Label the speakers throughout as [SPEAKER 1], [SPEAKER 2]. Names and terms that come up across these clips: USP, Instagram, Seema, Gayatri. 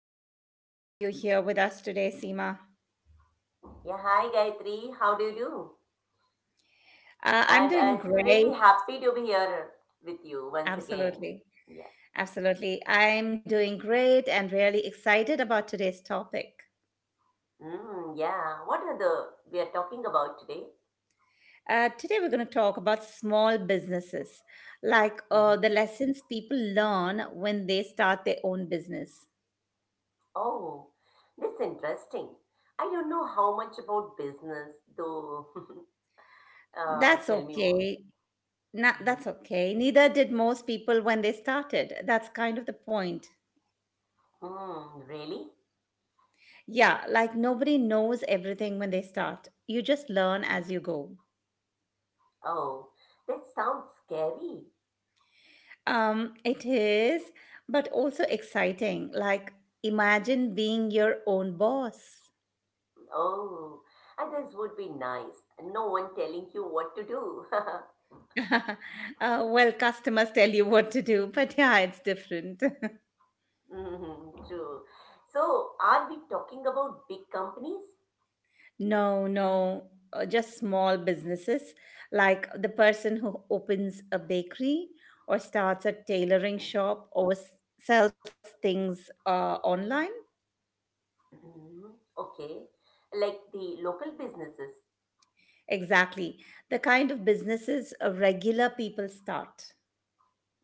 [SPEAKER 1] so good to have you here with us today, Seema.
[SPEAKER 2] Yeah, hi Gayatri, how do you do?
[SPEAKER 1] Uh,
[SPEAKER 2] And
[SPEAKER 1] I'm doing
[SPEAKER 2] it's really
[SPEAKER 1] great.
[SPEAKER 2] happy to be here with you once again.
[SPEAKER 1] Absolutely.
[SPEAKER 2] Yeah.
[SPEAKER 1] Absolutely. I'm doing great and really excited about today's topic.
[SPEAKER 2] Mm, yeah. What are the we are talking about today?
[SPEAKER 1] Today, we're going to talk about small businesses, like the
[SPEAKER 2] Hmm.
[SPEAKER 1] lessons people learn when they start their own business.
[SPEAKER 2] Oh, that's interesting. I don't know how much about business, though.
[SPEAKER 1] That's
[SPEAKER 2] Tell me more.
[SPEAKER 1] okay. Not,
[SPEAKER 2] Mhm.
[SPEAKER 1] that's okay. Neither did most people when they started. That's kind of the point.
[SPEAKER 2] Mm, really?
[SPEAKER 1] Yeah, like nobody knows everything when they start. You just learn
[SPEAKER 2] Mm.
[SPEAKER 1] as you go.
[SPEAKER 2] Oh, that sounds scary.
[SPEAKER 1] It is, but also exciting. Like imagine being your own boss.
[SPEAKER 2] Oh, and this would be nice. No one telling you what to do.
[SPEAKER 1] uh, well, customers tell you what to do, but yeah, it's different.
[SPEAKER 2] Mm-hmm, true. So, are we talking about big companies?
[SPEAKER 1] No, no, just small businesses, like the person who opens a bakery or starts a tailoring shop sells things online.
[SPEAKER 2] Mm, okay. Like the local businesses?
[SPEAKER 1] Exactly. The kind of businesses regular people start.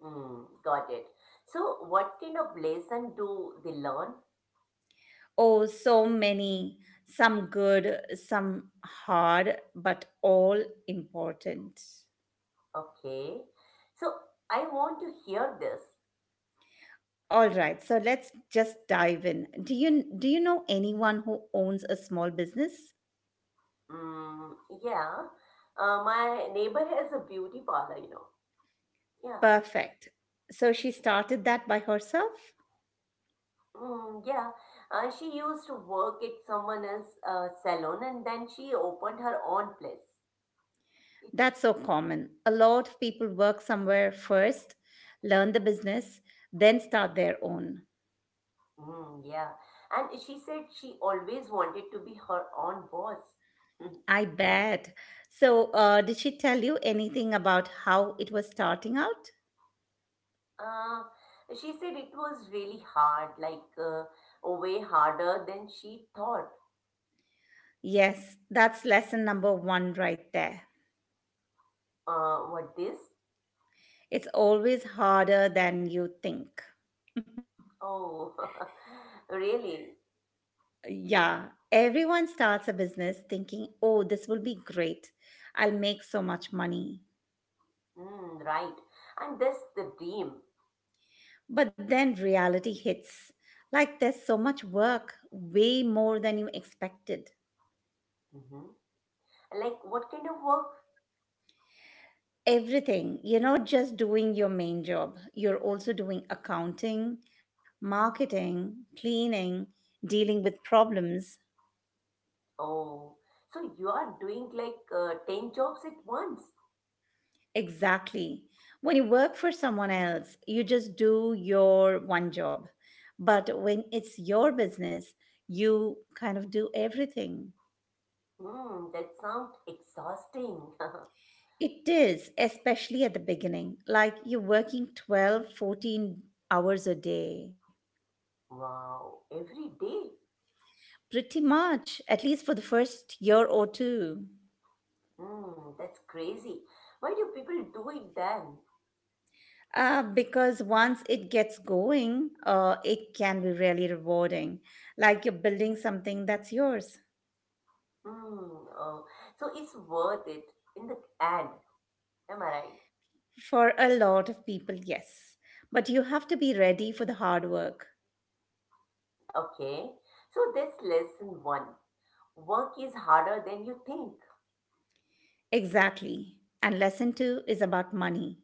[SPEAKER 2] Mm, got it. So, what kind of lesson do they learn?
[SPEAKER 1] Oh, so many. Some good, some hard, but all important.
[SPEAKER 2] Okay. So, I want to hear this.
[SPEAKER 1] All right, so let's just dive in. Do you know anyone who owns a small business?
[SPEAKER 2] Mm, yeah. My neighbor has a beauty parlor. Yeah.
[SPEAKER 1] Perfect. So she started that by herself?
[SPEAKER 2] Mm, yeah. She used to work at someone else's salon and then she opened her own place. It is.
[SPEAKER 1] That's so common. A lot of people work somewhere first, learn the business, then start their own.
[SPEAKER 2] Mm, yeah. And she said she always wanted to be her own boss.
[SPEAKER 1] I bet. So, did she tell you anything about how it was starting out?
[SPEAKER 2] uh, she said it was really hard, like way harder than she thought.
[SPEAKER 1] Yes, that's lesson number one right there.
[SPEAKER 2] What this?
[SPEAKER 1] It's always harder than you think.
[SPEAKER 2] Oh, really?
[SPEAKER 1] Yeah, everyone starts a business thinking, oh, this will be great. I'll make so much money.
[SPEAKER 2] Mm, right. And that's the dream.
[SPEAKER 1] But then reality hits. Like there's so much work, way more than you expected.
[SPEAKER 2] Hmm. Like, what kind of work?
[SPEAKER 1] Everything. You're not just doing your main job, you're also doing accounting, marketing, cleaning, dealing with problems.
[SPEAKER 2] Oh, so you are doing like 10 jobs at once.
[SPEAKER 1] Exactly. When you work for someone else, you just do your one job. But when it's your business, you kind of do everything.
[SPEAKER 2] Mm, that sounds exhausting.
[SPEAKER 1] It is, especially at the beginning, like you're working 12, 14 hours a day.
[SPEAKER 2] Wow, every day.
[SPEAKER 1] Pretty much, at least for the first year or two.
[SPEAKER 2] Mm, that's crazy. Why do people do it then?
[SPEAKER 1] Because once it gets going, it can be really rewarding. Like you're building something that's yours.
[SPEAKER 2] Mm, oh, so it's worth it in the end. Am I right?
[SPEAKER 1] For a lot of people, yes. But you have to be ready for the hard work.
[SPEAKER 2] Okay. So that's lesson one. Work is harder than you think.
[SPEAKER 1] Exactly. And lesson two is about money.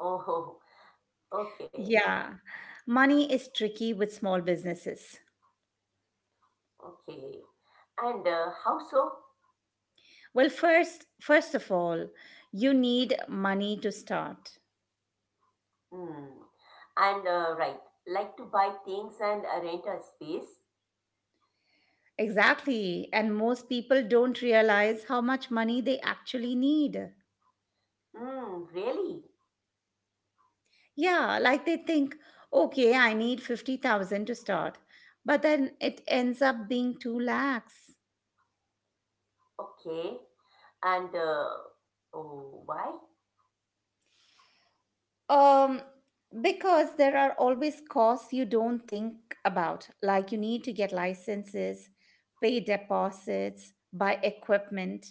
[SPEAKER 2] Oh, okay,
[SPEAKER 1] Yeah. Money is tricky with small businesses.
[SPEAKER 2] okay. And how so?
[SPEAKER 1] Well, first of all, you need money to start.
[SPEAKER 2] Hmm. And right, like to buy things and rent a space.
[SPEAKER 1] Exactly. And most people don't realize how much money they actually need.
[SPEAKER 2] Hmm. Really?
[SPEAKER 1] Yeah, like they think, okay, I need 50,000 to start, but then it ends up being 2 lakhs.
[SPEAKER 2] Okay. And oh, why?
[SPEAKER 1] Um, because there are always costs you don't think about, like you need to get licenses, pay deposits, buy equipment.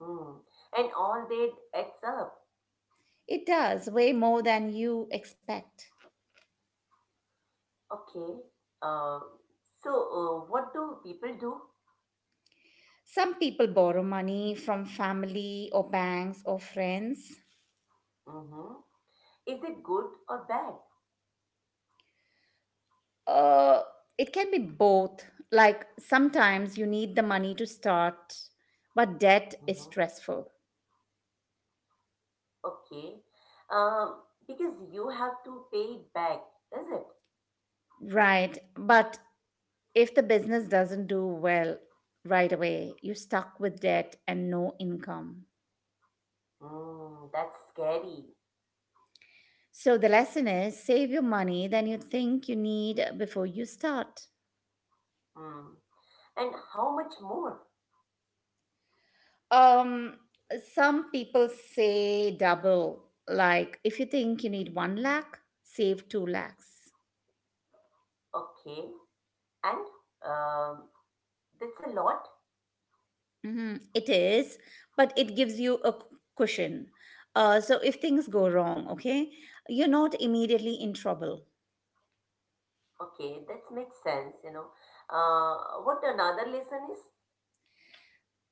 [SPEAKER 2] Hmm. And all that adds up.
[SPEAKER 1] It does, way more than you expect.
[SPEAKER 2] Okay. Uh, so, what do people do?
[SPEAKER 1] Some people borrow money from family or banks or friends.
[SPEAKER 2] Mm-hmm. Is it good or bad?
[SPEAKER 1] Uh, it can be both. Like sometimes you need the money to start, but debt is
[SPEAKER 2] Mm-hmm.
[SPEAKER 1] stressful.
[SPEAKER 2] Okay. Um, because you have to pay it back, is it?
[SPEAKER 1] Right. But if the business doesn't do well right away, you're stuck with debt and no income.
[SPEAKER 2] Mm, that's scary.
[SPEAKER 1] So the lesson is save your money than you think you need before you start.
[SPEAKER 2] Mm. And how much more?
[SPEAKER 1] Um, some people say double. Like if you think you need one lakh, save two lakhs.
[SPEAKER 2] Okay. And um, that's a lot.
[SPEAKER 1] Mhm, it is, but it gives you a cushion. So if things go wrong, okay, you're not immediately in trouble.
[SPEAKER 2] Okay, that makes sense. What another lesson is?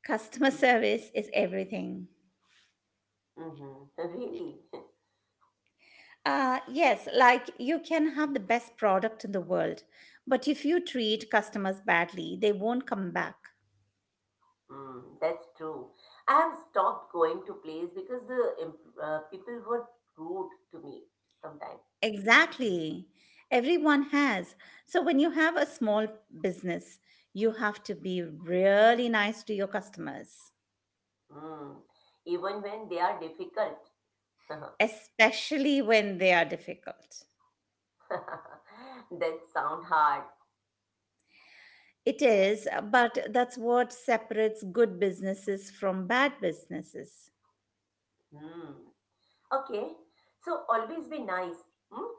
[SPEAKER 1] Customer service is everything.
[SPEAKER 2] Mm-hmm. Really?
[SPEAKER 1] Yes, like you can have the best product in the world, but if you treat customers badly, they won't come back.
[SPEAKER 2] Mm, that's true. I have stopped going to plays because people were rude to me sometimes. Mhm.
[SPEAKER 1] Exactly. Everyone has. So when you have a small business, you have to be really nice to your customers,
[SPEAKER 2] Mm, even when they are difficult.
[SPEAKER 1] especially when they are difficult.
[SPEAKER 2] That sound hard.
[SPEAKER 1] It
[SPEAKER 2] Yeah.
[SPEAKER 1] is, but that's what separates good businesses from bad businesses.
[SPEAKER 2] Hmm. Okay. So always be nice. Hmm?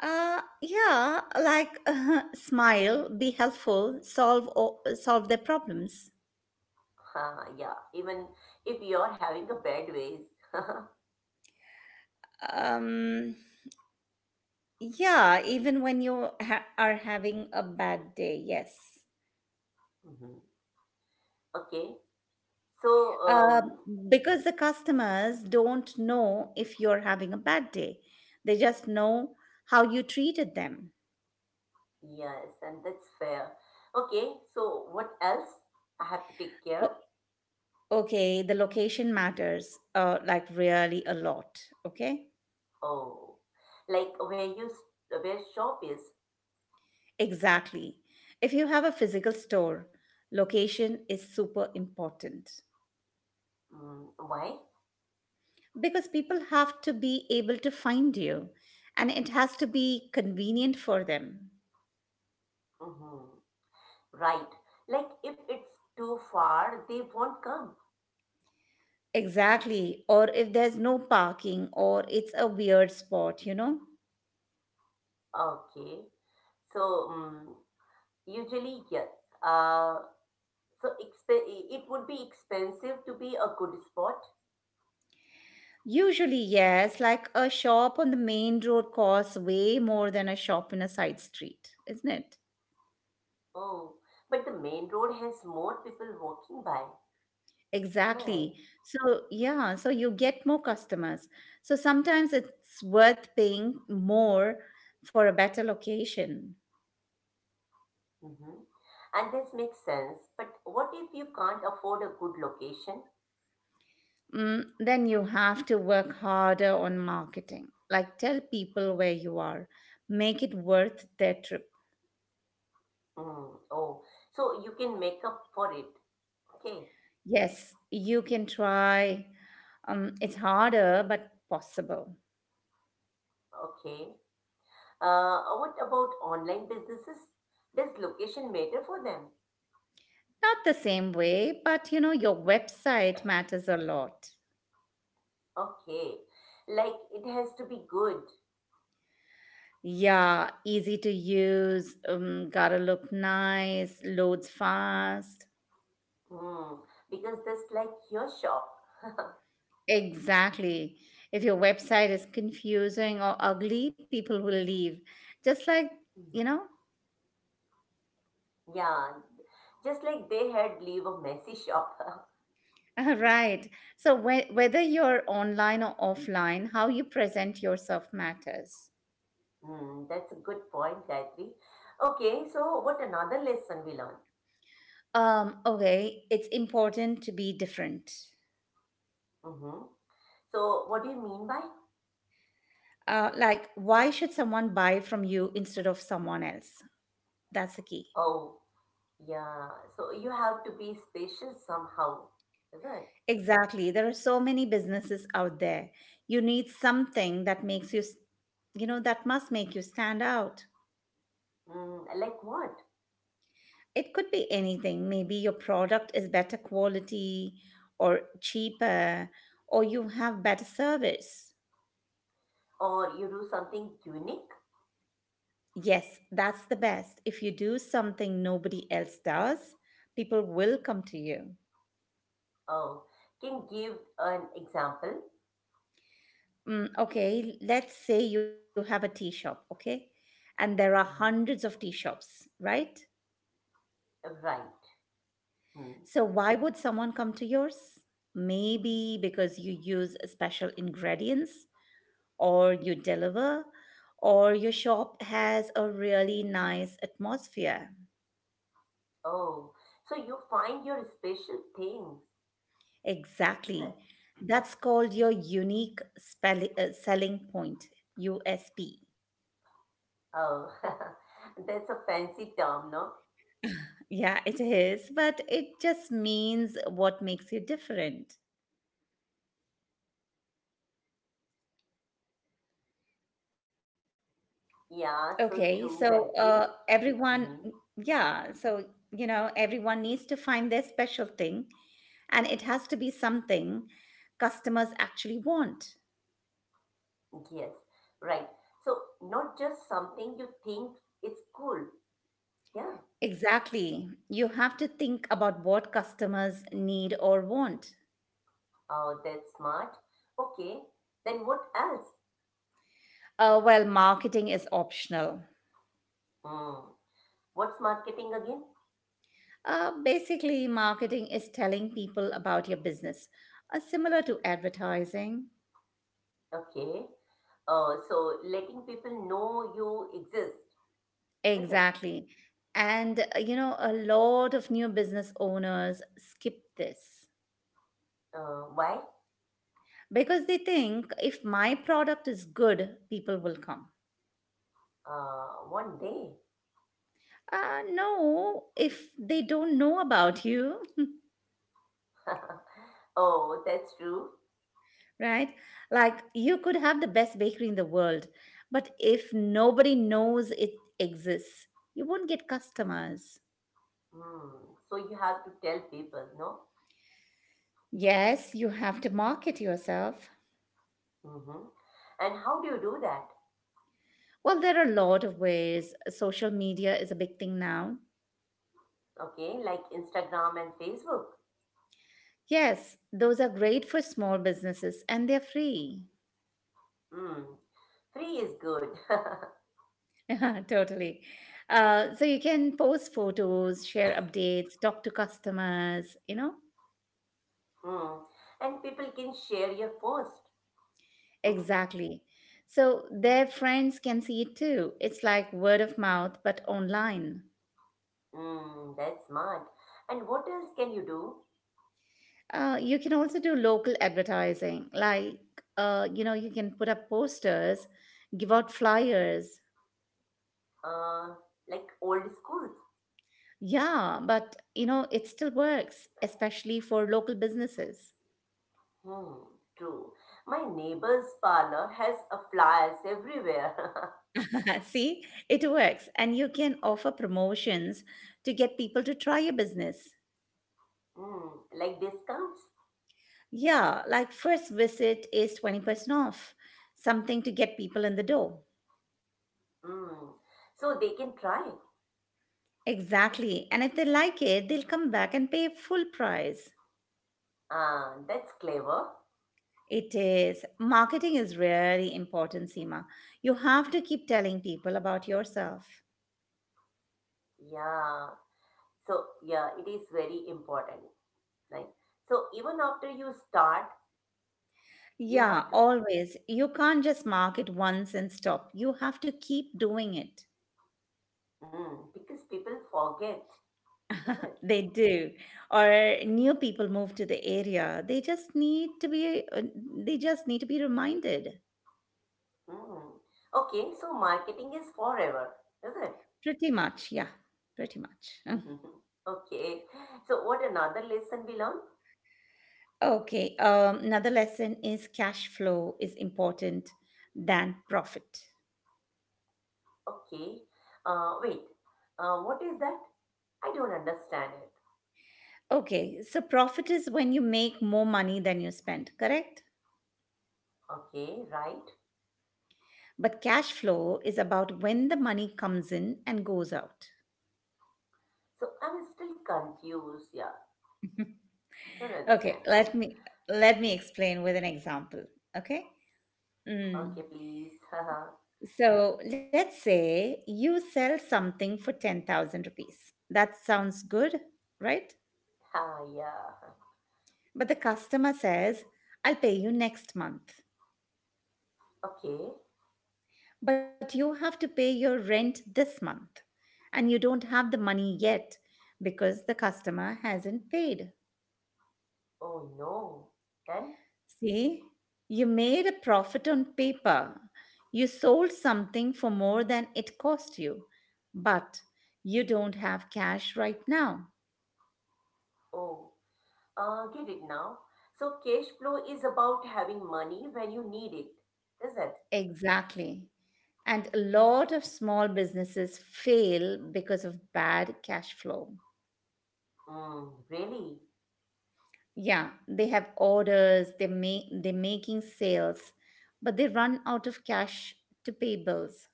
[SPEAKER 1] Yeah, like smile, be helpful, solve their problems.
[SPEAKER 2] Ah, yeah. Even if you are having a bad ways.
[SPEAKER 1] Um, yeah, even when you are having a bad day, yes.
[SPEAKER 2] Mhm. Okay. So
[SPEAKER 1] Uh,
[SPEAKER 2] um
[SPEAKER 1] because the customers don't know if you're having a bad day. They just know how you treated them.
[SPEAKER 2] yes, and that's fair. Okay. So what else I have to take care?
[SPEAKER 1] Okay, the location matters, like really a lot. Okay,
[SPEAKER 2] Oh, like where shop is.
[SPEAKER 1] exactly. If you have a physical store, location is super important
[SPEAKER 2] Mm, why?
[SPEAKER 1] because people have to be able to find you and it has to be convenient for them.
[SPEAKER 2] Mm-hmm. Right. Like if it's too far, they won't come.
[SPEAKER 1] Exactly. Or if there's no parking or it's a weird spot, you know?
[SPEAKER 2] Okay. So mm usually yes. Uh, so it would be expensive to be a good spot.
[SPEAKER 1] Usually, yes, like a shop on the main road costs way more than a shop in a side street, isn't it?
[SPEAKER 2] Oh, but the main road has more people walking by. Am I right?
[SPEAKER 1] Exactly. So, yeah, so you get more customers. So sometimes it's worth paying more for a better location.
[SPEAKER 2] Mm-hmm. And this makes sense. But what if you can't afford a good location?
[SPEAKER 1] Mm, then you have to work harder on marketing. Like tell people where you are, make it worth their trip.
[SPEAKER 2] Mm, oh, so you can make up for it. Okay,
[SPEAKER 1] Yes, you can try. It's harder, but possible.
[SPEAKER 2] okay. What about online businesses? Does location matter for them?
[SPEAKER 1] Not the same way, but you know, your website matters a lot.
[SPEAKER 2] Okay, like it has to be good.
[SPEAKER 1] Yeah, easy to use, gotta look nice, loads fast.
[SPEAKER 2] Mm, because just like your shop,
[SPEAKER 1] Exactly. If your website is confusing or ugly, people will leave. Just like, you
[SPEAKER 2] Mm.
[SPEAKER 1] know?
[SPEAKER 2] Yeah, just like they had leave a messy shop.
[SPEAKER 1] Right. So, whether you're online or offline, how you present yourself matters.
[SPEAKER 2] Mm, that's a good point, Gayatri. Okay, so what another lesson we learn?
[SPEAKER 1] Okay, it's important to be different.
[SPEAKER 2] Mm-hmm. So what do you mean by?
[SPEAKER 1] Like, why should someone buy from you instead of someone else? That's the key.
[SPEAKER 2] Oh, yeah, so you have to be special somehow, is it?
[SPEAKER 1] Exactly. There are so many businesses out there. You need something that makes you, know, that must make you stand out.
[SPEAKER 2] Mm, like what?
[SPEAKER 1] It could be anything. Maybe your product is better quality or cheaper, or you have better service.
[SPEAKER 2] Or you do something unique?
[SPEAKER 1] Yes, that's the best. If you do something nobody else does, people will come to you.
[SPEAKER 2] Oh, can give an example?
[SPEAKER 1] Mm, okay, let's say you have a tea shop, okay? And there are hundreds
[SPEAKER 2] Mhm.
[SPEAKER 1] of tea shops, right?
[SPEAKER 2] Right. Hmm.
[SPEAKER 1] So, why would someone come to yours? Maybe because you use special ingredients, or you deliver, or your shop has a really nice atmosphere.
[SPEAKER 2] Oh, so you find your special things, is
[SPEAKER 1] Exactly.
[SPEAKER 2] it?
[SPEAKER 1] That's called your unique selling point, USP.
[SPEAKER 2] Oh, that's a fancy term, no?
[SPEAKER 1] Yeah, it is, but it just means what makes you different.
[SPEAKER 2] Yeah,
[SPEAKER 1] Okay,
[SPEAKER 2] so
[SPEAKER 1] so
[SPEAKER 2] true, Gayatri.
[SPEAKER 1] everyone,
[SPEAKER 2] Hmm.
[SPEAKER 1] yeah, so you know, everyone needs to find their special thing, and it has to be something customers actually want.
[SPEAKER 2] Yes, right. So not just something you think is cool. Yeah,
[SPEAKER 1] Exactly. You have to think about what customers need or want.
[SPEAKER 2] oh, that's smart. Okay, then what else?
[SPEAKER 1] Well, marketing is optional.
[SPEAKER 2] Hmm. What's marketing again?
[SPEAKER 1] Basically, marketing is telling people about your business, similar to advertising.
[SPEAKER 2] Okay. So letting people know you exist, is it?
[SPEAKER 1] Exactly. And, you know, a lot of new business owners skip this
[SPEAKER 2] Why?
[SPEAKER 1] because they think, if my product is good, people will come.
[SPEAKER 2] One day.
[SPEAKER 1] No, if they don't know about you,
[SPEAKER 2] Oh, that's true.
[SPEAKER 1] right? Like you could have the best bakery in the world, but if nobody knows it exists, you won't get customers.
[SPEAKER 2] Hmm. So you have to tell people, no?
[SPEAKER 1] Yes, you have to market yourself.
[SPEAKER 2] Mm-hmm. And how do you do that?
[SPEAKER 1] Well, there are a lot of ways. Social media is a big thing now.
[SPEAKER 2] Okay, like Instagram and Facebook.
[SPEAKER 1] Yes, those are great for small businesses and they're free.
[SPEAKER 2] Hmm. Free is good.
[SPEAKER 1] Yeah, totally. So you can post photos, share updates, talk to customers, you know?
[SPEAKER 2] Hmm. And people can share your post. Mm-hmm.
[SPEAKER 1] Exactly. So their friends can see it too. It's like word of mouth, but online.
[SPEAKER 2] Mm, that's smart. And what else can you do?
[SPEAKER 1] You can also do local advertising, like, you know, you can put up posters, give out flyers.
[SPEAKER 2] Uh, like old schools.
[SPEAKER 1] Yeah, but, you know, it still works, especially for local businesses.
[SPEAKER 2] Hmm, true. My neighbor's parlor has a flyers everywhere.
[SPEAKER 1] See, it works. And you can offer promotions to get people to try your business.
[SPEAKER 2] Hmm, like discounts.
[SPEAKER 1] Yeah, like first visit is 20% off, something to get people in the door.
[SPEAKER 2] Hmm. So they can try.
[SPEAKER 1] Exactly. And if they like it, they'll come back and pay full price.
[SPEAKER 2] Ah, that's clever.
[SPEAKER 1] It is. Marketing is really important, Seema. You have to keep telling people about yourself.
[SPEAKER 2] Yeah. So yeah, it is very important. Right. So even after you start, you have
[SPEAKER 1] Yeah, always. You can't just market once and stop. You have to keep doing it.
[SPEAKER 2] to. Hmm, because people forget, is it?
[SPEAKER 1] They do. Or new people move to the area. They just need to be they just need to be reminded.
[SPEAKER 2] Hmm. Okay. So marketing is forever, is it?
[SPEAKER 1] Pretty much, yeah. Pretty much. Mm.
[SPEAKER 2] Okay. So what another lesson we learn?
[SPEAKER 1] Okay. Another lesson is cash flow is important than profit.
[SPEAKER 2] Okay. Wait. What is that? I don't understand it.
[SPEAKER 1] Okay, so profit is when you make more money than you spend, correct?
[SPEAKER 2] Okay, right.
[SPEAKER 1] But cash flow is about when the money comes in and goes out.
[SPEAKER 2] So I'm still confused. Yeah, don't
[SPEAKER 1] Okay,
[SPEAKER 2] understand.
[SPEAKER 1] let me let me explain with an example. Okay.
[SPEAKER 2] Huh.
[SPEAKER 1] Mm.
[SPEAKER 2] Okay, please. Haha.
[SPEAKER 1] So let's say you sell something for 10,000 rupees. That sounds good, right?
[SPEAKER 2] Ha. Yeah.
[SPEAKER 1] But the customer says, I'll pay you next month.
[SPEAKER 2] Okay.
[SPEAKER 1] But you have to pay your rent this month. And you don't have the money yet because the customer hasn't paid.
[SPEAKER 2] Oh no. Then.
[SPEAKER 1] See, you made a profit on paper. You sold something for more than it cost you, but you don't have cash right now.
[SPEAKER 2] Oh. Get it now. So cash flow is about having money when you need it, is it?
[SPEAKER 1] Exactly. And a lot of small businesses fail because of bad cash flow.
[SPEAKER 2] Mm, really?
[SPEAKER 1] Yeah, they have orders, they're making sales, but they run out of cash to pay bills.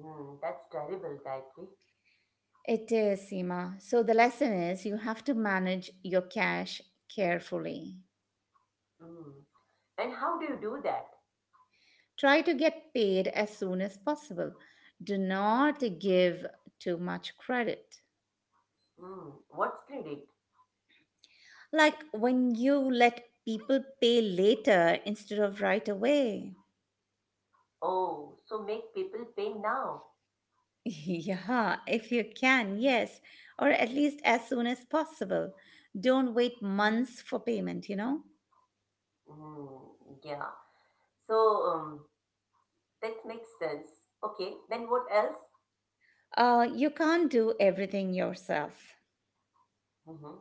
[SPEAKER 2] Mm, that's terrible, Gayatri.
[SPEAKER 1] It is, Seema. So the lesson is you have to manage your cash carefully.
[SPEAKER 2] Mm. And how do you do that?
[SPEAKER 1] Try to get paid as soon as possible. Do not give too much credit.
[SPEAKER 2] Hmm, what's credit?
[SPEAKER 1] Like when you let people pay later instead of right away.
[SPEAKER 2] Oh, so make people pay now.
[SPEAKER 1] Yeah, if you can, yes. Or at least as soon as possible. Don't wait months for payment, you know?
[SPEAKER 2] Hmm, yeah. So that makes sense. Okay, then what else?
[SPEAKER 1] You can't do everything yourself.
[SPEAKER 2] Hmm.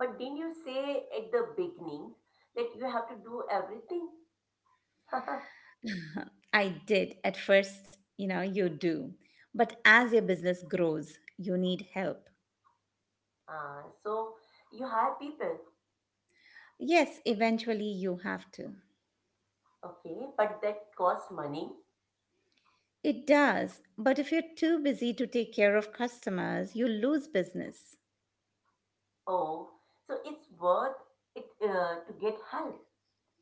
[SPEAKER 2] But didn't you say at the beginning that you have to do everything?
[SPEAKER 1] I did at first, you know, you do. But as your business grows, you need help.
[SPEAKER 2] Ah, so you hire people.
[SPEAKER 1] Yes, eventually you have to.
[SPEAKER 2] Okay, but that costs money.
[SPEAKER 1] It does, but if you're too busy to take care of customers, you lose business.
[SPEAKER 2] Oh, so it's worth it to get help.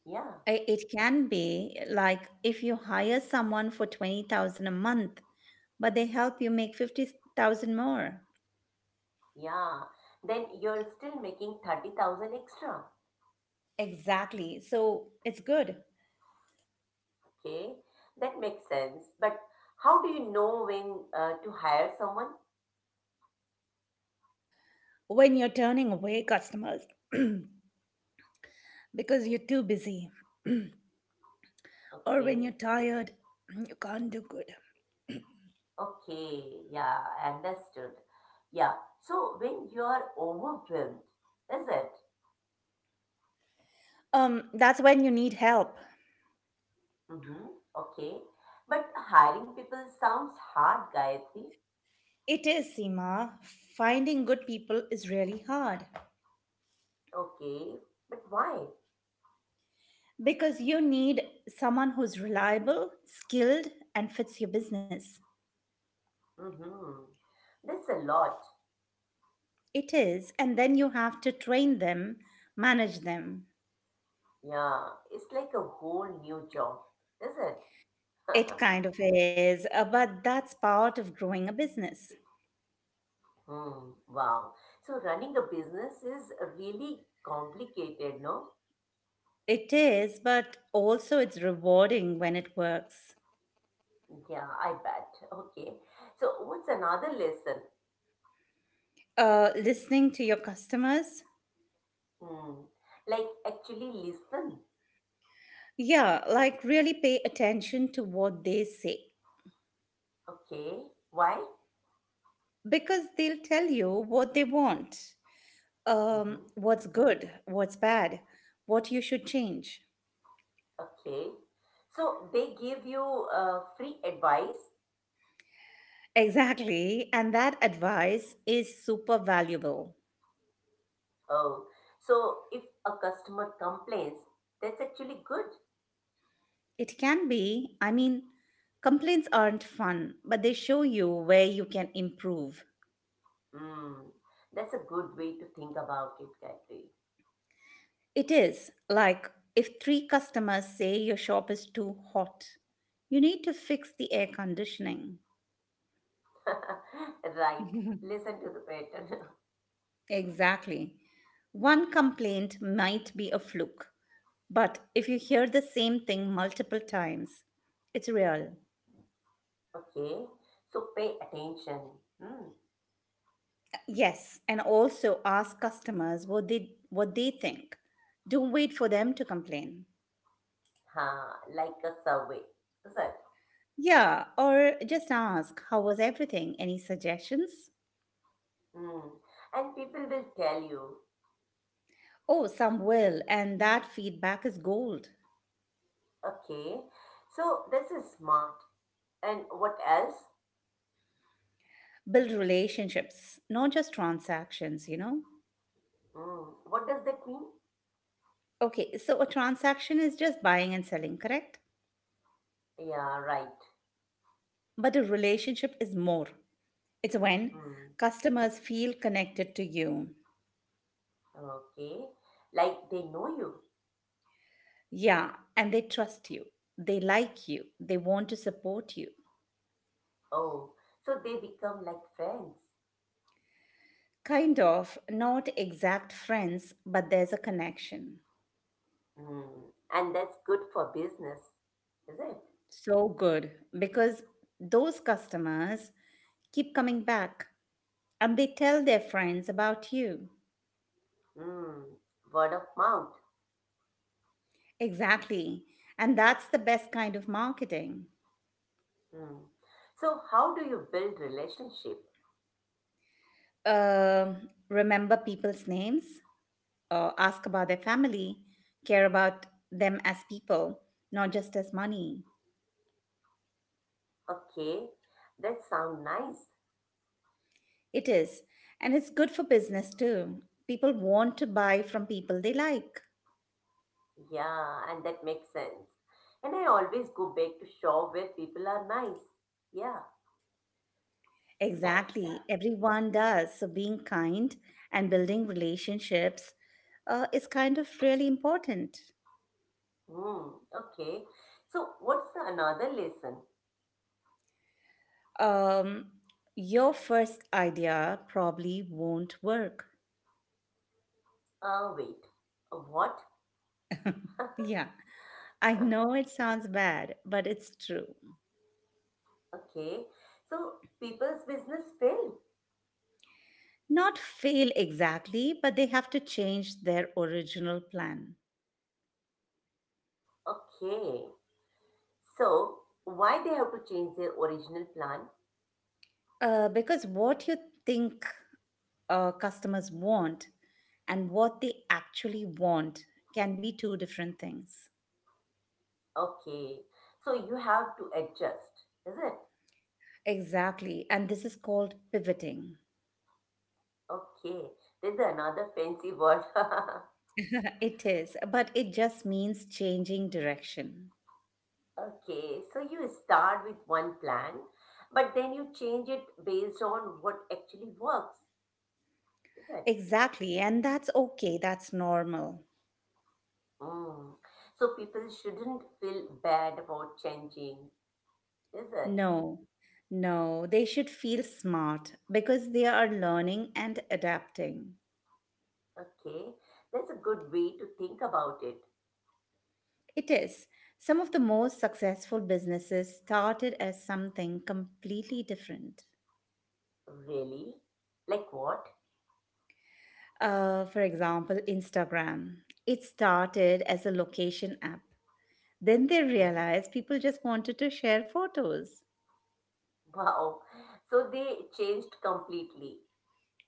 [SPEAKER 2] Yeah,
[SPEAKER 1] It can be like if you hire someone for 20,000 a month, but they help you make 50,000 more.
[SPEAKER 2] yeah. Then you're still making 30,000 extra.
[SPEAKER 1] Exactly. So it's good
[SPEAKER 2] Okay, that makes sense. But how do you know when to hire someone?
[SPEAKER 1] when you're turning away customers because you're too busy or when you're
[SPEAKER 2] Okay,
[SPEAKER 1] tired, you can't do good.
[SPEAKER 2] okay, yeah, understood. Yeah, so when you are overwhelmed, is it?
[SPEAKER 1] Um that's when you need help.
[SPEAKER 2] Mm-hmm. Okay, but hiring people sounds hard, Gayatri.
[SPEAKER 1] It is, Seema. Finding good people is really hard
[SPEAKER 2] Okay, but why?
[SPEAKER 1] because you need someone who's reliable, skilled and fits your business.
[SPEAKER 2] Mm-hmm. That's a lot.
[SPEAKER 1] It is, and then you have to train them, manage them.
[SPEAKER 2] Yeah, it's like a whole new job, is it?
[SPEAKER 1] It kind of is, but that's part of growing a business.
[SPEAKER 2] Hmm, wow. So running a business is really complicated, no?
[SPEAKER 1] It is, but also it's rewarding when it works.
[SPEAKER 2] Yeah, I bet. Okay. So what's another lesson?
[SPEAKER 1] Listening to your customers,
[SPEAKER 2] Hmm. Like actually listen.
[SPEAKER 1] yeah, like really pay attention to what they say
[SPEAKER 2] Okay. Why?
[SPEAKER 1] because they'll tell you what they want,
[SPEAKER 2] Mm-hmm.
[SPEAKER 1] what's good, what's bad, what you should change.
[SPEAKER 2] Okay. So they give you free advice.
[SPEAKER 1] Exactly, and that advice is super valuable.
[SPEAKER 2] Oh, so if a customer complains, that's actually good.
[SPEAKER 1] It can be. I mean, complaints aren't fun, but they show you where you can improve.
[SPEAKER 2] Hmm. That's a good way to think about it, Gayatri.
[SPEAKER 1] It is, like if three customers say your shop is too hot, you need to fix the air conditioning.
[SPEAKER 2] Right. Listen to the pattern.
[SPEAKER 1] Exactly. One complaint might be a fluke, but if you hear the same thing multiple times, it's real.
[SPEAKER 2] Okay, so pay attention. Hmm.
[SPEAKER 1] Yes, and also ask customers what they think. Don't wait for them to complain.
[SPEAKER 2] Ha, like a survey, is it?
[SPEAKER 1] Yeah, or just ask, how was everything? Any suggestions?
[SPEAKER 2] Hmm. And people will tell you.
[SPEAKER 1] Oh, some will, and that feedback is gold.
[SPEAKER 2] Okay, so this is smart. And what else?
[SPEAKER 1] Build relationships, not just transactions, you know?
[SPEAKER 2] Hmm. What does that mean?
[SPEAKER 1] Okay, so a transaction is just buying and selling, correct?
[SPEAKER 2] Yeah, right.
[SPEAKER 1] But a relationship is more. It's when
[SPEAKER 2] Hmm.
[SPEAKER 1] customers feel connected to you.
[SPEAKER 2] Okay, like they know you.
[SPEAKER 1] Yeah, and they trust you, they like you, they want to support you.
[SPEAKER 2] Oh, so they become like friends.
[SPEAKER 1] Kind of, not exact friends, but there's a connection.
[SPEAKER 2] Hmm. And that's good for business, is it?
[SPEAKER 1] So good, because those customers keep coming back and they tell their friends about you.
[SPEAKER 2] Hmm. Word of mouth.
[SPEAKER 1] Exactly. And that's the best kind of marketing.
[SPEAKER 2] Hmm. So, how do you build relationship?
[SPEAKER 1] Remember people's names, ask about their family, care about them as people, not just as money.
[SPEAKER 2] Okay, that sounds nice.
[SPEAKER 1] It is. And it's good for business too. People want to buy from people they like.
[SPEAKER 2] Yeah, and that makes sense. And I always go back to shop where people are nice. Yeah.
[SPEAKER 1] Exactly. Everyone does. So being kind and building relationships is kind of really important.
[SPEAKER 2] Hmm. Okay. So what's the another lesson?
[SPEAKER 1] Um, your first idea probably won't work.
[SPEAKER 2] Wait. What?
[SPEAKER 1] Yeah, I know it sounds bad, but it's true.
[SPEAKER 2] Okay. So people's business failed.
[SPEAKER 1] Not fail exactly, but they have to change their original plan.
[SPEAKER 2] Okay. So why they have to change their original plan?
[SPEAKER 1] Because what you think, customers want and what they actually want can be two different things.
[SPEAKER 2] Okay. So you have to adjust, is it?
[SPEAKER 1] Exactly. And this is called pivoting.
[SPEAKER 2] Okay. There's another fancy word.
[SPEAKER 1] It is, but it just means changing direction.
[SPEAKER 2] Okay, so you start with one plan, but then you change it based on what actually works, is it?
[SPEAKER 1] Exactly. And that's okay. That's normal.
[SPEAKER 2] Mm. So people shouldn't feel bad about changing, is it?
[SPEAKER 1] No, no. They should feel smart because they are learning and adapting.
[SPEAKER 2] Okay, that's a good way to think about it.
[SPEAKER 1] It is. Some of the most successful businesses started as something completely different.
[SPEAKER 2] Really? Like what?
[SPEAKER 1] For example, Instagram. It started as a location app. Then they
[SPEAKER 2] Mhm.
[SPEAKER 1] realized people just wanted to share photos.
[SPEAKER 2] Wow. So they changed completely.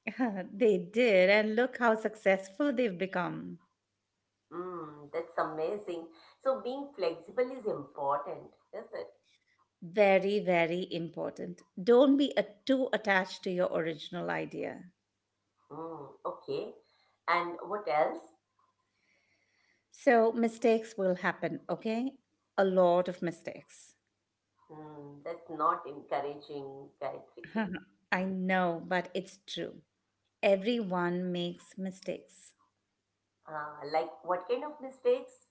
[SPEAKER 1] They did, and look how successful they've become.
[SPEAKER 2] Mm, that's amazing. So being flexible is important, is it?
[SPEAKER 1] Very, very important. Don't be too attached to your original idea.
[SPEAKER 2] Mm, okay. And what else?
[SPEAKER 1] So, mistakes will happen, okay? A lot of mistakes.
[SPEAKER 2] Hmm, that's not encouraging, Gayatri.
[SPEAKER 1] I know, but it's true. Everyone makes mistakes.
[SPEAKER 2] Like, what kind of mistakes?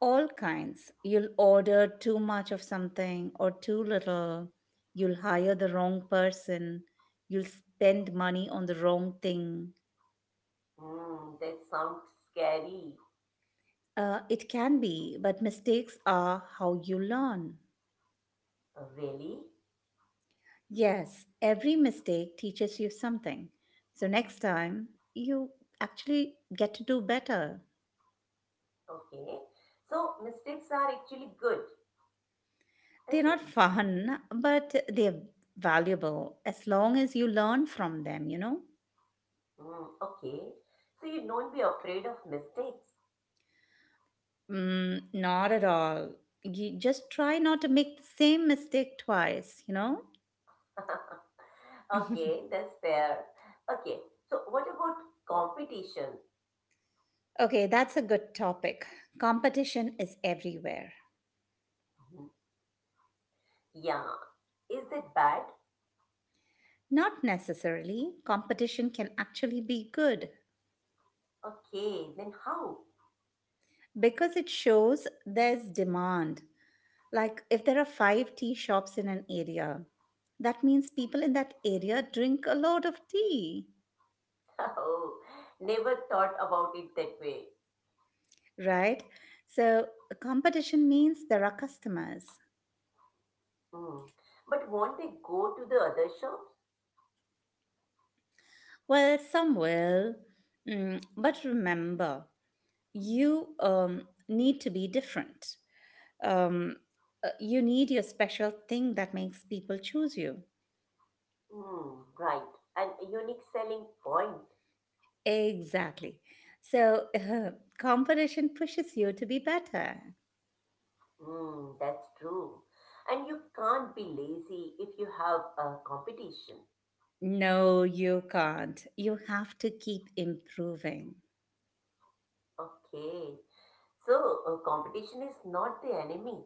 [SPEAKER 1] All kinds. You'll order too much of something or too little. You'll hire the wrong person. You'll spend money on the wrong thing.
[SPEAKER 2] Hmm, that sounds scary.
[SPEAKER 1] It can be, but mistakes are how you learn.
[SPEAKER 2] Really?
[SPEAKER 1] Yes, every mistake teaches you something. So next time, you actually get to do better.
[SPEAKER 2] Okay. So, mistakes are actually good,
[SPEAKER 1] They're
[SPEAKER 2] is
[SPEAKER 1] not
[SPEAKER 2] it?
[SPEAKER 1] fun, but they're valuable as long as you learn from them, you know?
[SPEAKER 2] Hmm. Okay. So, you don't be afraid of mistakes.
[SPEAKER 1] Mm, not at all. You just try not to make the same mistake twice, you know?
[SPEAKER 2] Okay, that's fair. Okay. So, what about competition?
[SPEAKER 1] Okay, that's a good topic. Competition is everywhere.
[SPEAKER 2] Mhm. Yeah. Is that bad?
[SPEAKER 1] Not necessarily. Competition can actually be good
[SPEAKER 2] Okay, then how?
[SPEAKER 1] because it shows there's demand. Like if there are five tea shops in an area, that means people in that area drink a lot of tea,
[SPEAKER 2] Oh, never thought about it that way.
[SPEAKER 1] right? So competition means there are customers.
[SPEAKER 2] Mm. But won't they go to the other shops?
[SPEAKER 1] Well, some will. But remember, you need to be different. Um, you need your special thing that makes people choose you.
[SPEAKER 2] Mm. Right, an unique selling point.
[SPEAKER 1] Exactly. So, competition pushes you to be better.
[SPEAKER 2] Mm, that's true. And you can't be lazy if you have a competition.
[SPEAKER 1] No, you can't. You have to keep improving.
[SPEAKER 2] Okay, so competition is not the enemy.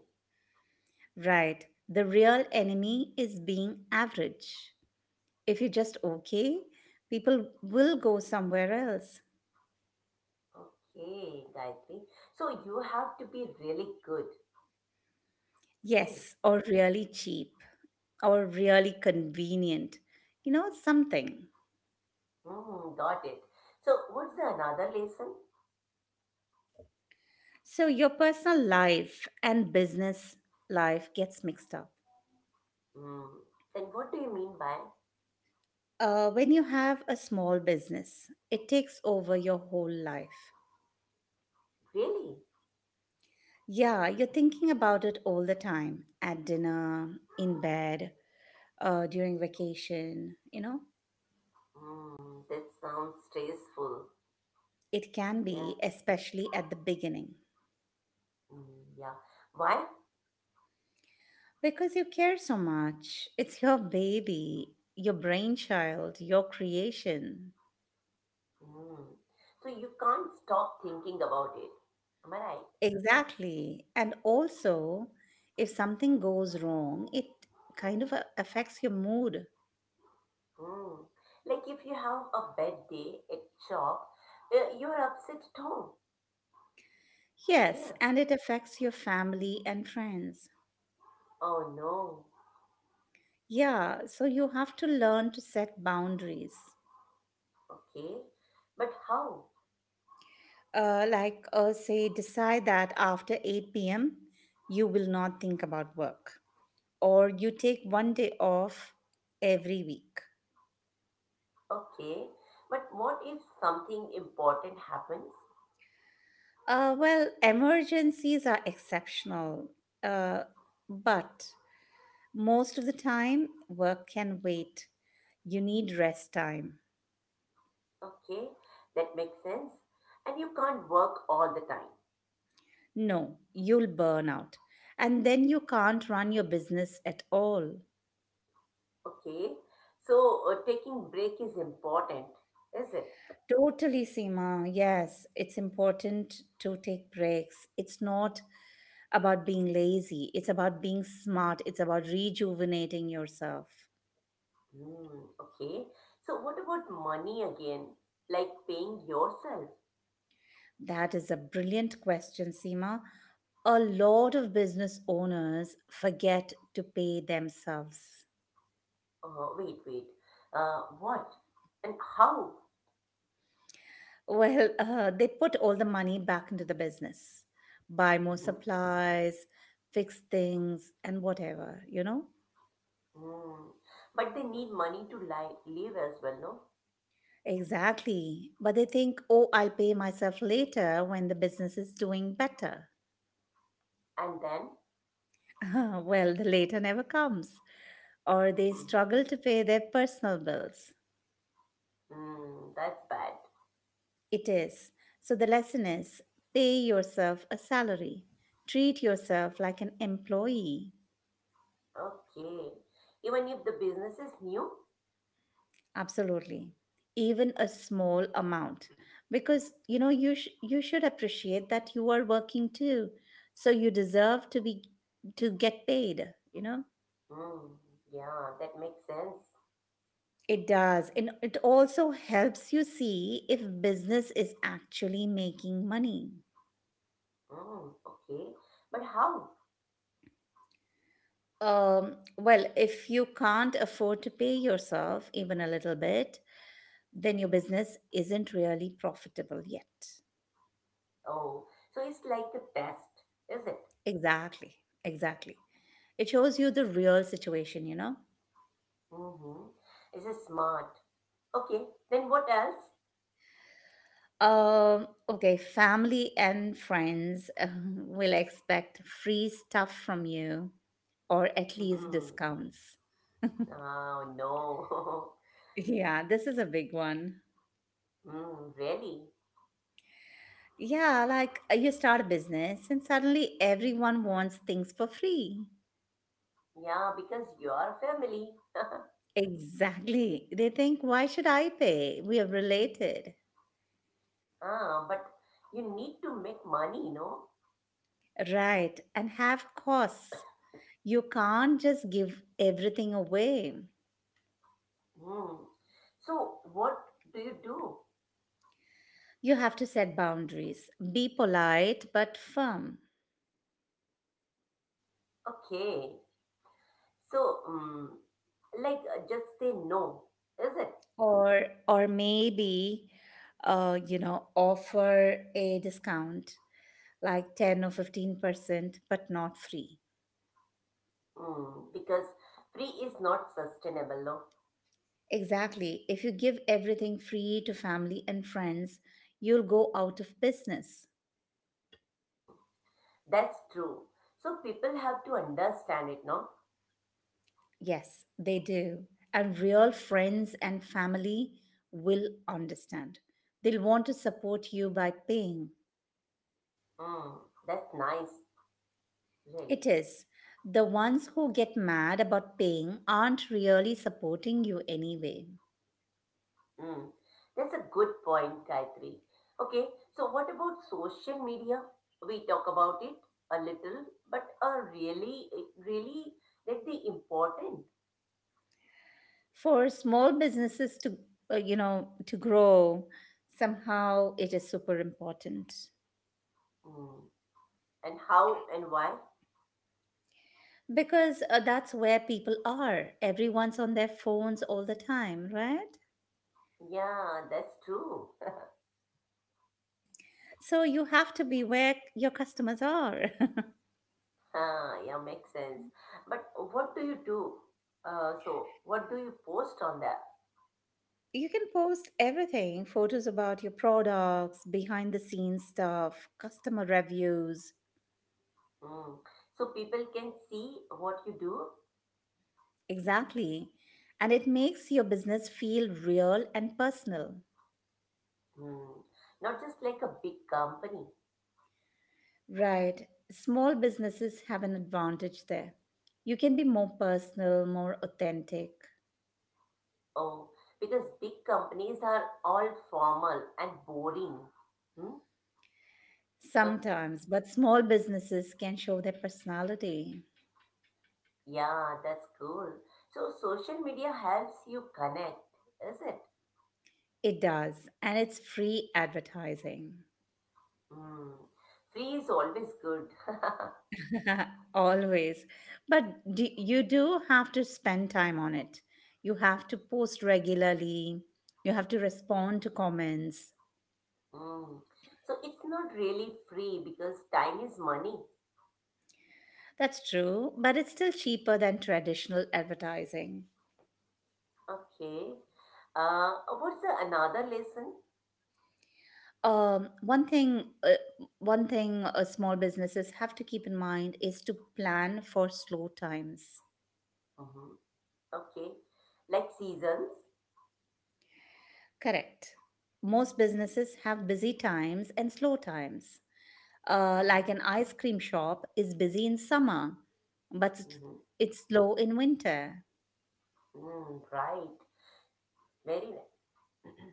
[SPEAKER 1] Right. The real enemy is being average. If you're just okay, people will go somewhere else.
[SPEAKER 2] Okay, Gayatri. So you have to be really good. Okay,
[SPEAKER 1] Yes, or really cheap, or really convenient, you know, something.
[SPEAKER 2] mm, got it. So what's the another lesson?
[SPEAKER 1] So your personal life and business life gets mixed up.
[SPEAKER 2] Mm, then what do you mean by
[SPEAKER 1] When you have a small business, it takes over your whole life.
[SPEAKER 2] really?
[SPEAKER 1] Yeah, you're thinking about it all the time, at dinner, in bed, during vacation, you know.
[SPEAKER 2] Mm, that sounds stressful.
[SPEAKER 1] It can
[SPEAKER 2] Yeah.
[SPEAKER 1] be, especially at the beginning.
[SPEAKER 2] Mm, yeah. Why?
[SPEAKER 1] Because you care so much. It's your baby, your brainchild, your creation.
[SPEAKER 2] Hmm. So you can't stop thinking about it. Am I right?
[SPEAKER 1] Exactly. And also, if something goes wrong, it kind of affects your mood.
[SPEAKER 2] Hmm. Like if you have a bad day at job, you're upset at home.
[SPEAKER 1] Yes,
[SPEAKER 2] Yeah.
[SPEAKER 1] and it affects your family and friends.
[SPEAKER 2] Oh no.
[SPEAKER 1] Yeah, so you have to learn to set boundaries.
[SPEAKER 2] Okay. But how?
[SPEAKER 1] Like, say, decide that after 8 p.m., you will not think about work, or you take one day off every week.
[SPEAKER 2] Okay. But what if something important happens?
[SPEAKER 1] Well, emergencies are exceptional, uh, but most of the time, work can wait. You need rest time.
[SPEAKER 2] Okay. That makes sense. And you can't work all the time.
[SPEAKER 1] No, you'll burn out. And then you can't run your business at all.
[SPEAKER 2] Okay. So taking break is important, is it?
[SPEAKER 1] Totally, Seema. Yes, it's important to take breaks. It's not about being lazy, it's about being smart, it's about rejuvenating yourself.
[SPEAKER 2] Hmm, okay. So what about money again? Like paying yourself?
[SPEAKER 1] That is a brilliant question, Seema. A lot of business owners forget to pay themselves.
[SPEAKER 2] Wait, wait. What? And how?
[SPEAKER 1] Well, they put all the money back into the business, buy more
[SPEAKER 2] Mhm.
[SPEAKER 1] supplies, fix things, and whatever, you know?
[SPEAKER 2] Hmm. But they need money to li live as well, no?
[SPEAKER 1] Exactly. But they think, oh, I'll pay myself later when the business is doing better.
[SPEAKER 2] And then?
[SPEAKER 1] Well, the later never comes, or they struggle to pay their personal bills.
[SPEAKER 2] Hmm, that's bad.
[SPEAKER 1] It is. So the lesson is, pay yourself a salary, treat yourself like an employee.
[SPEAKER 2] Okay. Even if the business is new?
[SPEAKER 1] Absolutely. Even a small amount, because you know you should appreciate that you are working too, so you deserve to get paid.
[SPEAKER 2] Hmm, yeah, that makes sense.
[SPEAKER 1] It does, and it also helps you see if business is actually making money.
[SPEAKER 2] Hmm, okay. But how?
[SPEAKER 1] Well, if you can't afford to pay yourself even a little bit, then your business isn't really profitable yet.
[SPEAKER 2] Oh, so it's like a test, is it?
[SPEAKER 1] Exactly, exactly. It shows you the real situation.
[SPEAKER 2] Mm-hmm. Is it smart? Okay, then what else?
[SPEAKER 1] Okay, family and friends will expect free stuff from you or at least
[SPEAKER 2] Mhm.
[SPEAKER 1] discounts.
[SPEAKER 2] Oh no.
[SPEAKER 1] Yeah, this is a big one.
[SPEAKER 2] Hmm, really?
[SPEAKER 1] Yeah, like you start a business and suddenly everyone wants things for free.
[SPEAKER 2] Yeah, because you are family.
[SPEAKER 1] Exactly. They think, why should I pay? We are related.
[SPEAKER 2] Ah, but you need to make money, no?
[SPEAKER 1] Right, and have costs. You can't just give everything away.
[SPEAKER 2] Hmm. So what do you do?
[SPEAKER 1] You have to set boundaries. Be polite but firm.
[SPEAKER 2] Okay. So, like just say no, is it?
[SPEAKER 1] Or maybe, offer a discount like 10 or 15%, but not free.
[SPEAKER 2] Mm, because free is not sustainable, no?
[SPEAKER 1] Exactly. If you give everything free to family and friends, you'll go out of business.
[SPEAKER 2] Mm, that's true. So people have to understand it, no?
[SPEAKER 1] Yes, they do. And real friends and family will understand. They'll want to support you by paying.
[SPEAKER 2] Mm, that's nice, really.
[SPEAKER 1] It is. The ones who get mad about paying aren't really supporting you anyway.
[SPEAKER 2] Mm, that's a good point, Gayatri. Okay, so what about social media? We talk about it a little, but are really, really that the important
[SPEAKER 1] For small businesses to grow, somehow it is super important.
[SPEAKER 2] mm. And how and why?
[SPEAKER 1] Because that's where people are. Everyone's on their phones all the time, right?
[SPEAKER 2] Yeah, that's true.
[SPEAKER 1] So you have to be where your customers are.
[SPEAKER 2] Ah, yeah, makes sense. But what do you do? So what do you post on that?
[SPEAKER 1] You can post everything, photos about your products, behind the scenes stuff, customer reviews.
[SPEAKER 2] Mm. So people can see what you do.
[SPEAKER 1] Exactly. And it makes your business feel real and personal.
[SPEAKER 2] Mm. Not just like a big company.
[SPEAKER 1] Right. Small businesses have an advantage there. You can be more personal, more authentic.
[SPEAKER 2] Oh, because big companies are all formal and boring. Hmm?
[SPEAKER 1] Sometimes, but small businesses can show their personality.
[SPEAKER 2] Yeah, that's cool. So social media helps you connect, is it?
[SPEAKER 1] It does. And it's free advertising.
[SPEAKER 2] Mm. Free is always good.
[SPEAKER 1] Always. But you do have to spend time on it. You have to post regularly. You have to respond to comments.
[SPEAKER 2] Mm. So it's not really free because time is money.
[SPEAKER 1] That's true, but it's still cheaper than traditional advertising.
[SPEAKER 2] Okay. Uh, what's the another lesson?
[SPEAKER 1] Um, one thing, uh, one thing small businesses have to keep in mind is to plan for slow times.
[SPEAKER 2] Hmm. Okay. Like seasons.
[SPEAKER 1] Correct. Most businesses have busy times and slow times. Like an ice cream shop, is busy in summer, but it's
[SPEAKER 2] Mm-hmm.
[SPEAKER 1] it's slow in winter.
[SPEAKER 2] Mm, right. Very right.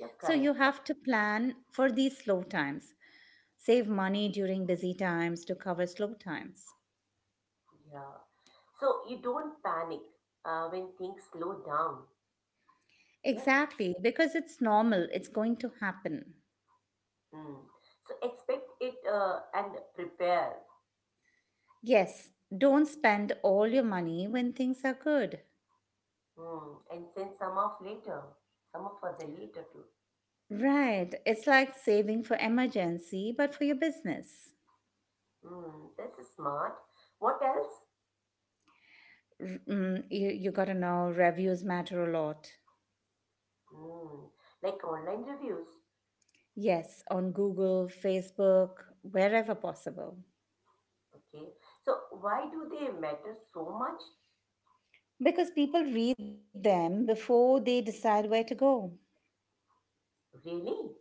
[SPEAKER 2] You're
[SPEAKER 1] So
[SPEAKER 2] correct.
[SPEAKER 1] you have to plan for these slow times, save money during busy times to cover slow times.
[SPEAKER 2] Yeah. So you don't panic when things slow down. Yeah.
[SPEAKER 1] Exactly, because it's normal, it's going to happen.
[SPEAKER 2] Mm. So expect it and prepare.
[SPEAKER 1] Yes, don't spend all your money when things are good.
[SPEAKER 2] Mm. And send some off later, some off for the later too.
[SPEAKER 1] Right, it's like saving for emergency, but for your business.
[SPEAKER 2] Mm. This is smart. What else?
[SPEAKER 1] You gotta know reviews matter a lot.
[SPEAKER 2] Mm. Like online reviews.
[SPEAKER 1] Yes, on Google, Facebook, wherever possible.
[SPEAKER 2] Okay. So why do they matter so much?
[SPEAKER 1] Because people read them before they decide where to go.
[SPEAKER 2] Really?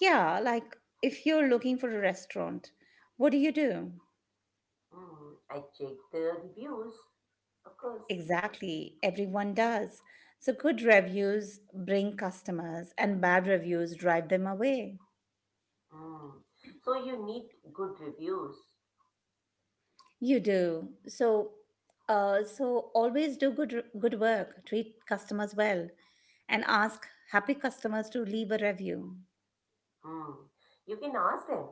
[SPEAKER 1] Yeah, like if you're looking for a restaurant, what do you do?
[SPEAKER 2] Mm. I check the reviews. Of course.
[SPEAKER 1] Exactly, everyone does. So good reviews bring customers and bad reviews drive them away.
[SPEAKER 2] Mm. So you need good reviews.
[SPEAKER 1] You do. So always do good work, treat customers well and ask happy customers to leave a review.
[SPEAKER 2] Mm. You can ask them.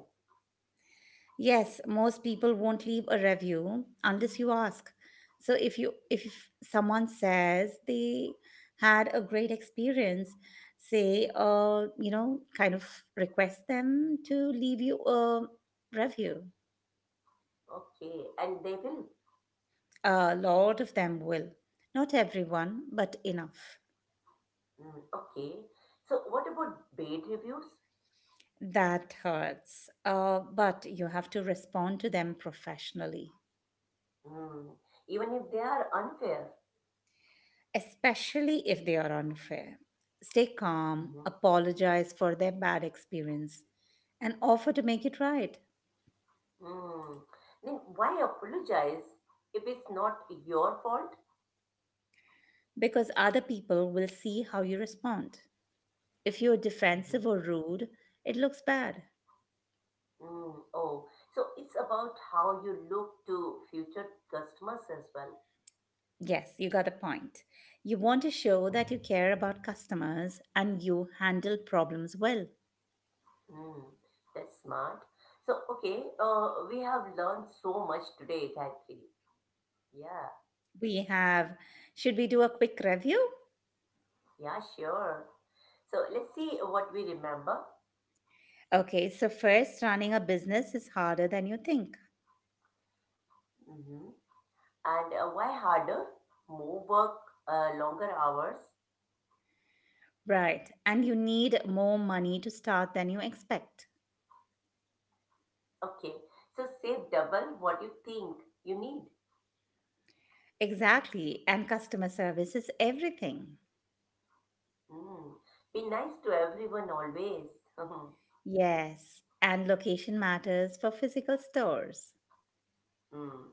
[SPEAKER 1] Yes, most people won't leave a review unless you ask. So if someone says they had a great experience, say, kind of request them to leave you a review.
[SPEAKER 2] Okay, and they will.
[SPEAKER 1] A lot of them will. Not everyone, but enough.
[SPEAKER 2] Mm, okay. So what about bad reviews?
[SPEAKER 1] That hurts. But you have to respond to them professionally.
[SPEAKER 2] Mm, even if they are unfair.
[SPEAKER 1] Especially if they are unfair. Stay calm,
[SPEAKER 2] Mhm.
[SPEAKER 1] apologize for their bad experience, and offer to make it right,
[SPEAKER 2] Mm, then why apologize if it's not your fault?
[SPEAKER 1] because other people will see how you respond. If you're defensive
[SPEAKER 2] Mhm.
[SPEAKER 1] or rude, it looks bad.
[SPEAKER 2] Mm, oh, so it's about how you look to future customers as well.
[SPEAKER 1] Yes, you got the point. You want to show that you care about customers and you handle problems well.
[SPEAKER 2] Mm, that's smart. So, okay, we have learned so much today, Gayatri. Yeah,
[SPEAKER 1] We have, should we do a quick review?
[SPEAKER 2] yeah, sure. So let's see what we remember.
[SPEAKER 1] Okay, so first, running a business is harder than you think.
[SPEAKER 2] Mhm. And why harder? More work, longer hours.
[SPEAKER 1] Right. And you need more money to start than you expect.
[SPEAKER 2] Okay, so save double what you think you need.
[SPEAKER 1] Exactly. And customer service is everything.
[SPEAKER 2] Mm. Be nice to everyone always.
[SPEAKER 1] Yes. And location matters for physical stores.
[SPEAKER 2] Mm.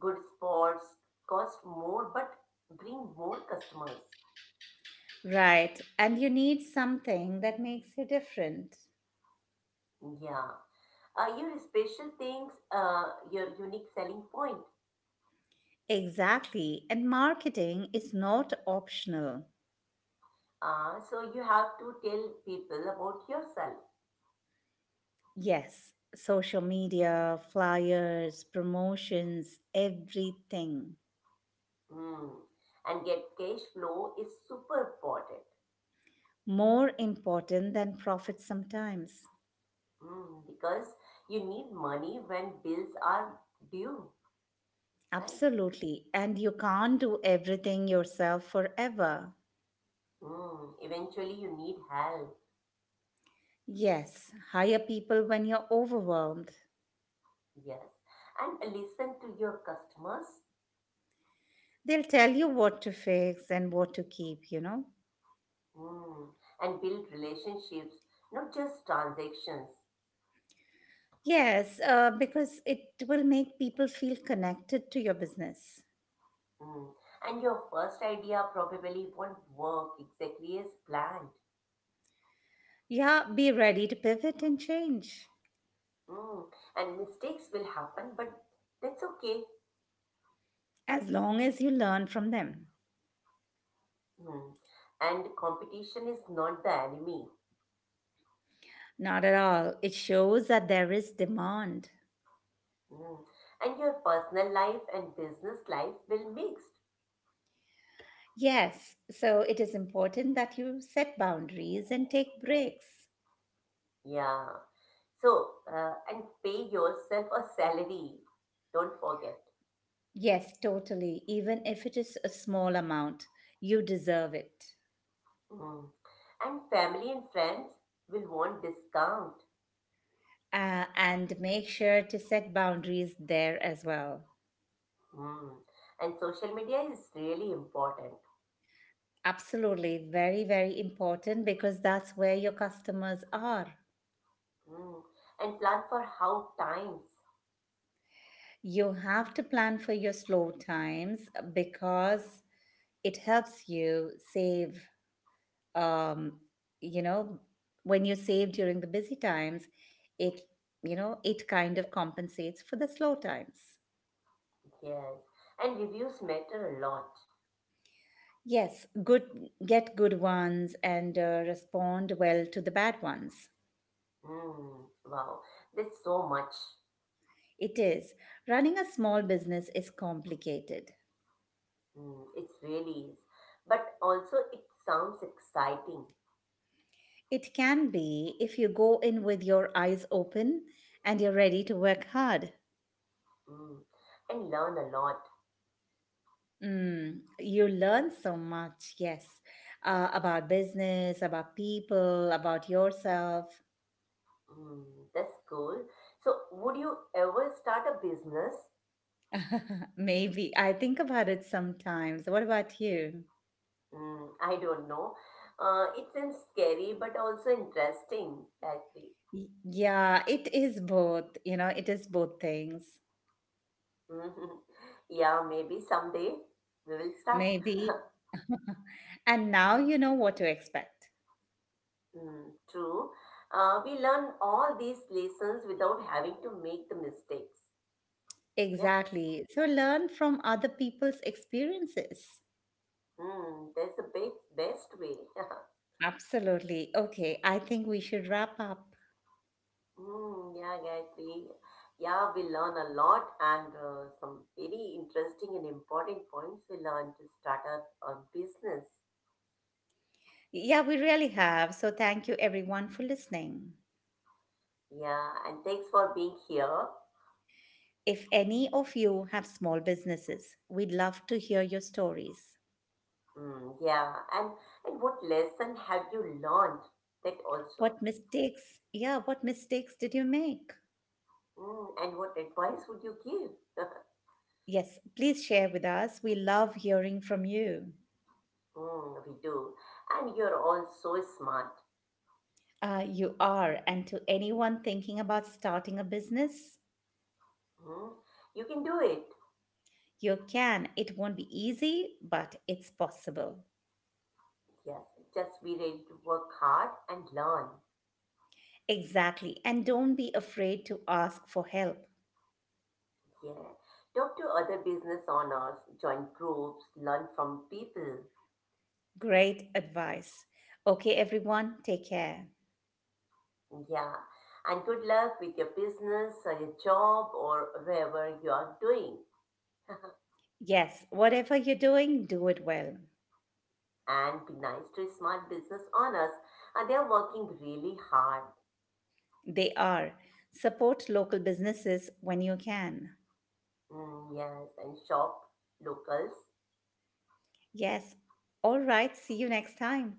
[SPEAKER 2] Good sports cost more but bring more customers.
[SPEAKER 1] Right. And you need something that makes you different.
[SPEAKER 2] Yeah. Your special things, your unique selling point.
[SPEAKER 1] Exactly. And marketing is not optional.
[SPEAKER 2] So you have to tell people about yourself.
[SPEAKER 1] Yes. Social media, flyers, promotions, everything.
[SPEAKER 2] Mm. And get cash flow is super important.
[SPEAKER 1] More important than profit sometimes.
[SPEAKER 2] Mm, because you need money when bills are due, right?
[SPEAKER 1] Absolutely. And you can't do everything yourself forever.
[SPEAKER 2] Mm, eventually, you need help.
[SPEAKER 1] Yes, hire people when you're overwhelmed.
[SPEAKER 2] Yes. And listen to your customers.
[SPEAKER 1] They'll tell you what to fix and what to keep, you know?
[SPEAKER 2] Mm, and build relationships, not just transactions.
[SPEAKER 1] Yes, because it will make people feel connected to your business.
[SPEAKER 2] Mm. And your first idea probably won't work exactly as planned.
[SPEAKER 1] Yeah, be ready to pivot and change
[SPEAKER 2] Mm. And mistakes will happen, but that's okay.
[SPEAKER 1] as long as you learn from them.
[SPEAKER 2] Mm. And competition is not the enemy.
[SPEAKER 1] Not at all. It shows that there is demand.
[SPEAKER 2] Mm. And your personal life and business life will mixed.
[SPEAKER 1] Yes, so it is important that you set boundaries and take breaks.
[SPEAKER 2] Yeah. So, and pay yourself a salary. Don't forget.
[SPEAKER 1] Yes, totally. Even if it is a small amount, you deserve it.
[SPEAKER 2] Mm. And family and friends will want discount.
[SPEAKER 1] And make sure to set boundaries there as well.
[SPEAKER 2] Mm. And social media is really important.
[SPEAKER 1] Absolutely. Very, very important because that's where your customers are.
[SPEAKER 2] Mm. And plan for how times.
[SPEAKER 1] You have to plan for your slow times, because it helps you save, um, you know, when you save during the busy times, it, it kind of compensates for the slow times.
[SPEAKER 2] Yes. And reviews matter a lot.
[SPEAKER 1] Yes, good get good ones and respond well to the bad ones.
[SPEAKER 2] Mm. Wow. There's so much.
[SPEAKER 1] It is. Running a small business is complicated.
[SPEAKER 2] Mm. It really is. But also, it sounds exciting.
[SPEAKER 1] It can be if you go in with your eyes open and you're ready to work hard.
[SPEAKER 2] Mm, and learn a lot.
[SPEAKER 1] Mm, you learn so much, yes, about business, about people, about yourself.
[SPEAKER 2] Mm, that's cool. So, would you ever start a business?
[SPEAKER 1] Maybe. I think about it sometimes. What about you?
[SPEAKER 2] Mm, I don't know. It seems scary but also interesting, Gayatri.
[SPEAKER 1] Yeah, it is both. It is both things.
[SPEAKER 2] Mhm. Yeah, maybe someday we will start.
[SPEAKER 1] Maybe. And now you know what to expect.
[SPEAKER 2] Mm, true. We learn all these lessons without having to make the mistakes. Yeah,
[SPEAKER 1] Exactly. So learn from other people's experiences.
[SPEAKER 2] mm, that's the best, best way.
[SPEAKER 1] Absolutely. Okay, I think we should wrap up.
[SPEAKER 2] Mm, yeah, guys, yeah we learn a lot and some very interesting and important points we learn to start up a business.
[SPEAKER 1] Yeah, we really have. So thank you everyone for listening.
[SPEAKER 2] Yeah, and thanks for being here.
[SPEAKER 1] If any of you have small businesses, we'd love to hear your stories.
[SPEAKER 2] Mm, yeah, and what lesson have you learned that also?
[SPEAKER 1] What mistakes? Yeah, what mistakes did you make?
[SPEAKER 2] Mm, and what advice would you give?
[SPEAKER 1] Yes, please share with us. We love hearing from you.
[SPEAKER 2] Mm, we do, and you're all so smart.
[SPEAKER 1] You are, and to anyone thinking about starting a business,
[SPEAKER 2] Mm, you can do it.
[SPEAKER 1] you can. It won't be easy, but it's possible.
[SPEAKER 2] Yes, just be ready to work hard and learn.
[SPEAKER 1] Exactly. And don't be afraid to ask for help.
[SPEAKER 2] Yeah. Talk to other business owners, join groups, learn from people.
[SPEAKER 1] Great advice. Okay, everyone, take care.
[SPEAKER 2] Yeah. And good luck with your business or your job or wherever you are doing.
[SPEAKER 1] Yes, whatever you're doing, do it well.
[SPEAKER 2] And be nice to smart business owners. And they are working really hard.
[SPEAKER 1] They are. Support local businesses when you can.
[SPEAKER 2] Mm, yes. And shop locals.
[SPEAKER 1] Yes. All right. See you next time.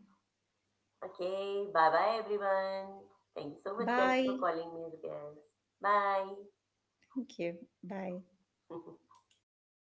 [SPEAKER 2] Okay. Bye bye, everyone. Thank you so much, Gayatri, for
[SPEAKER 1] Bye.
[SPEAKER 2] calling me as a Bye.
[SPEAKER 1] Thank you. Bye.
[SPEAKER 2] Bye bye.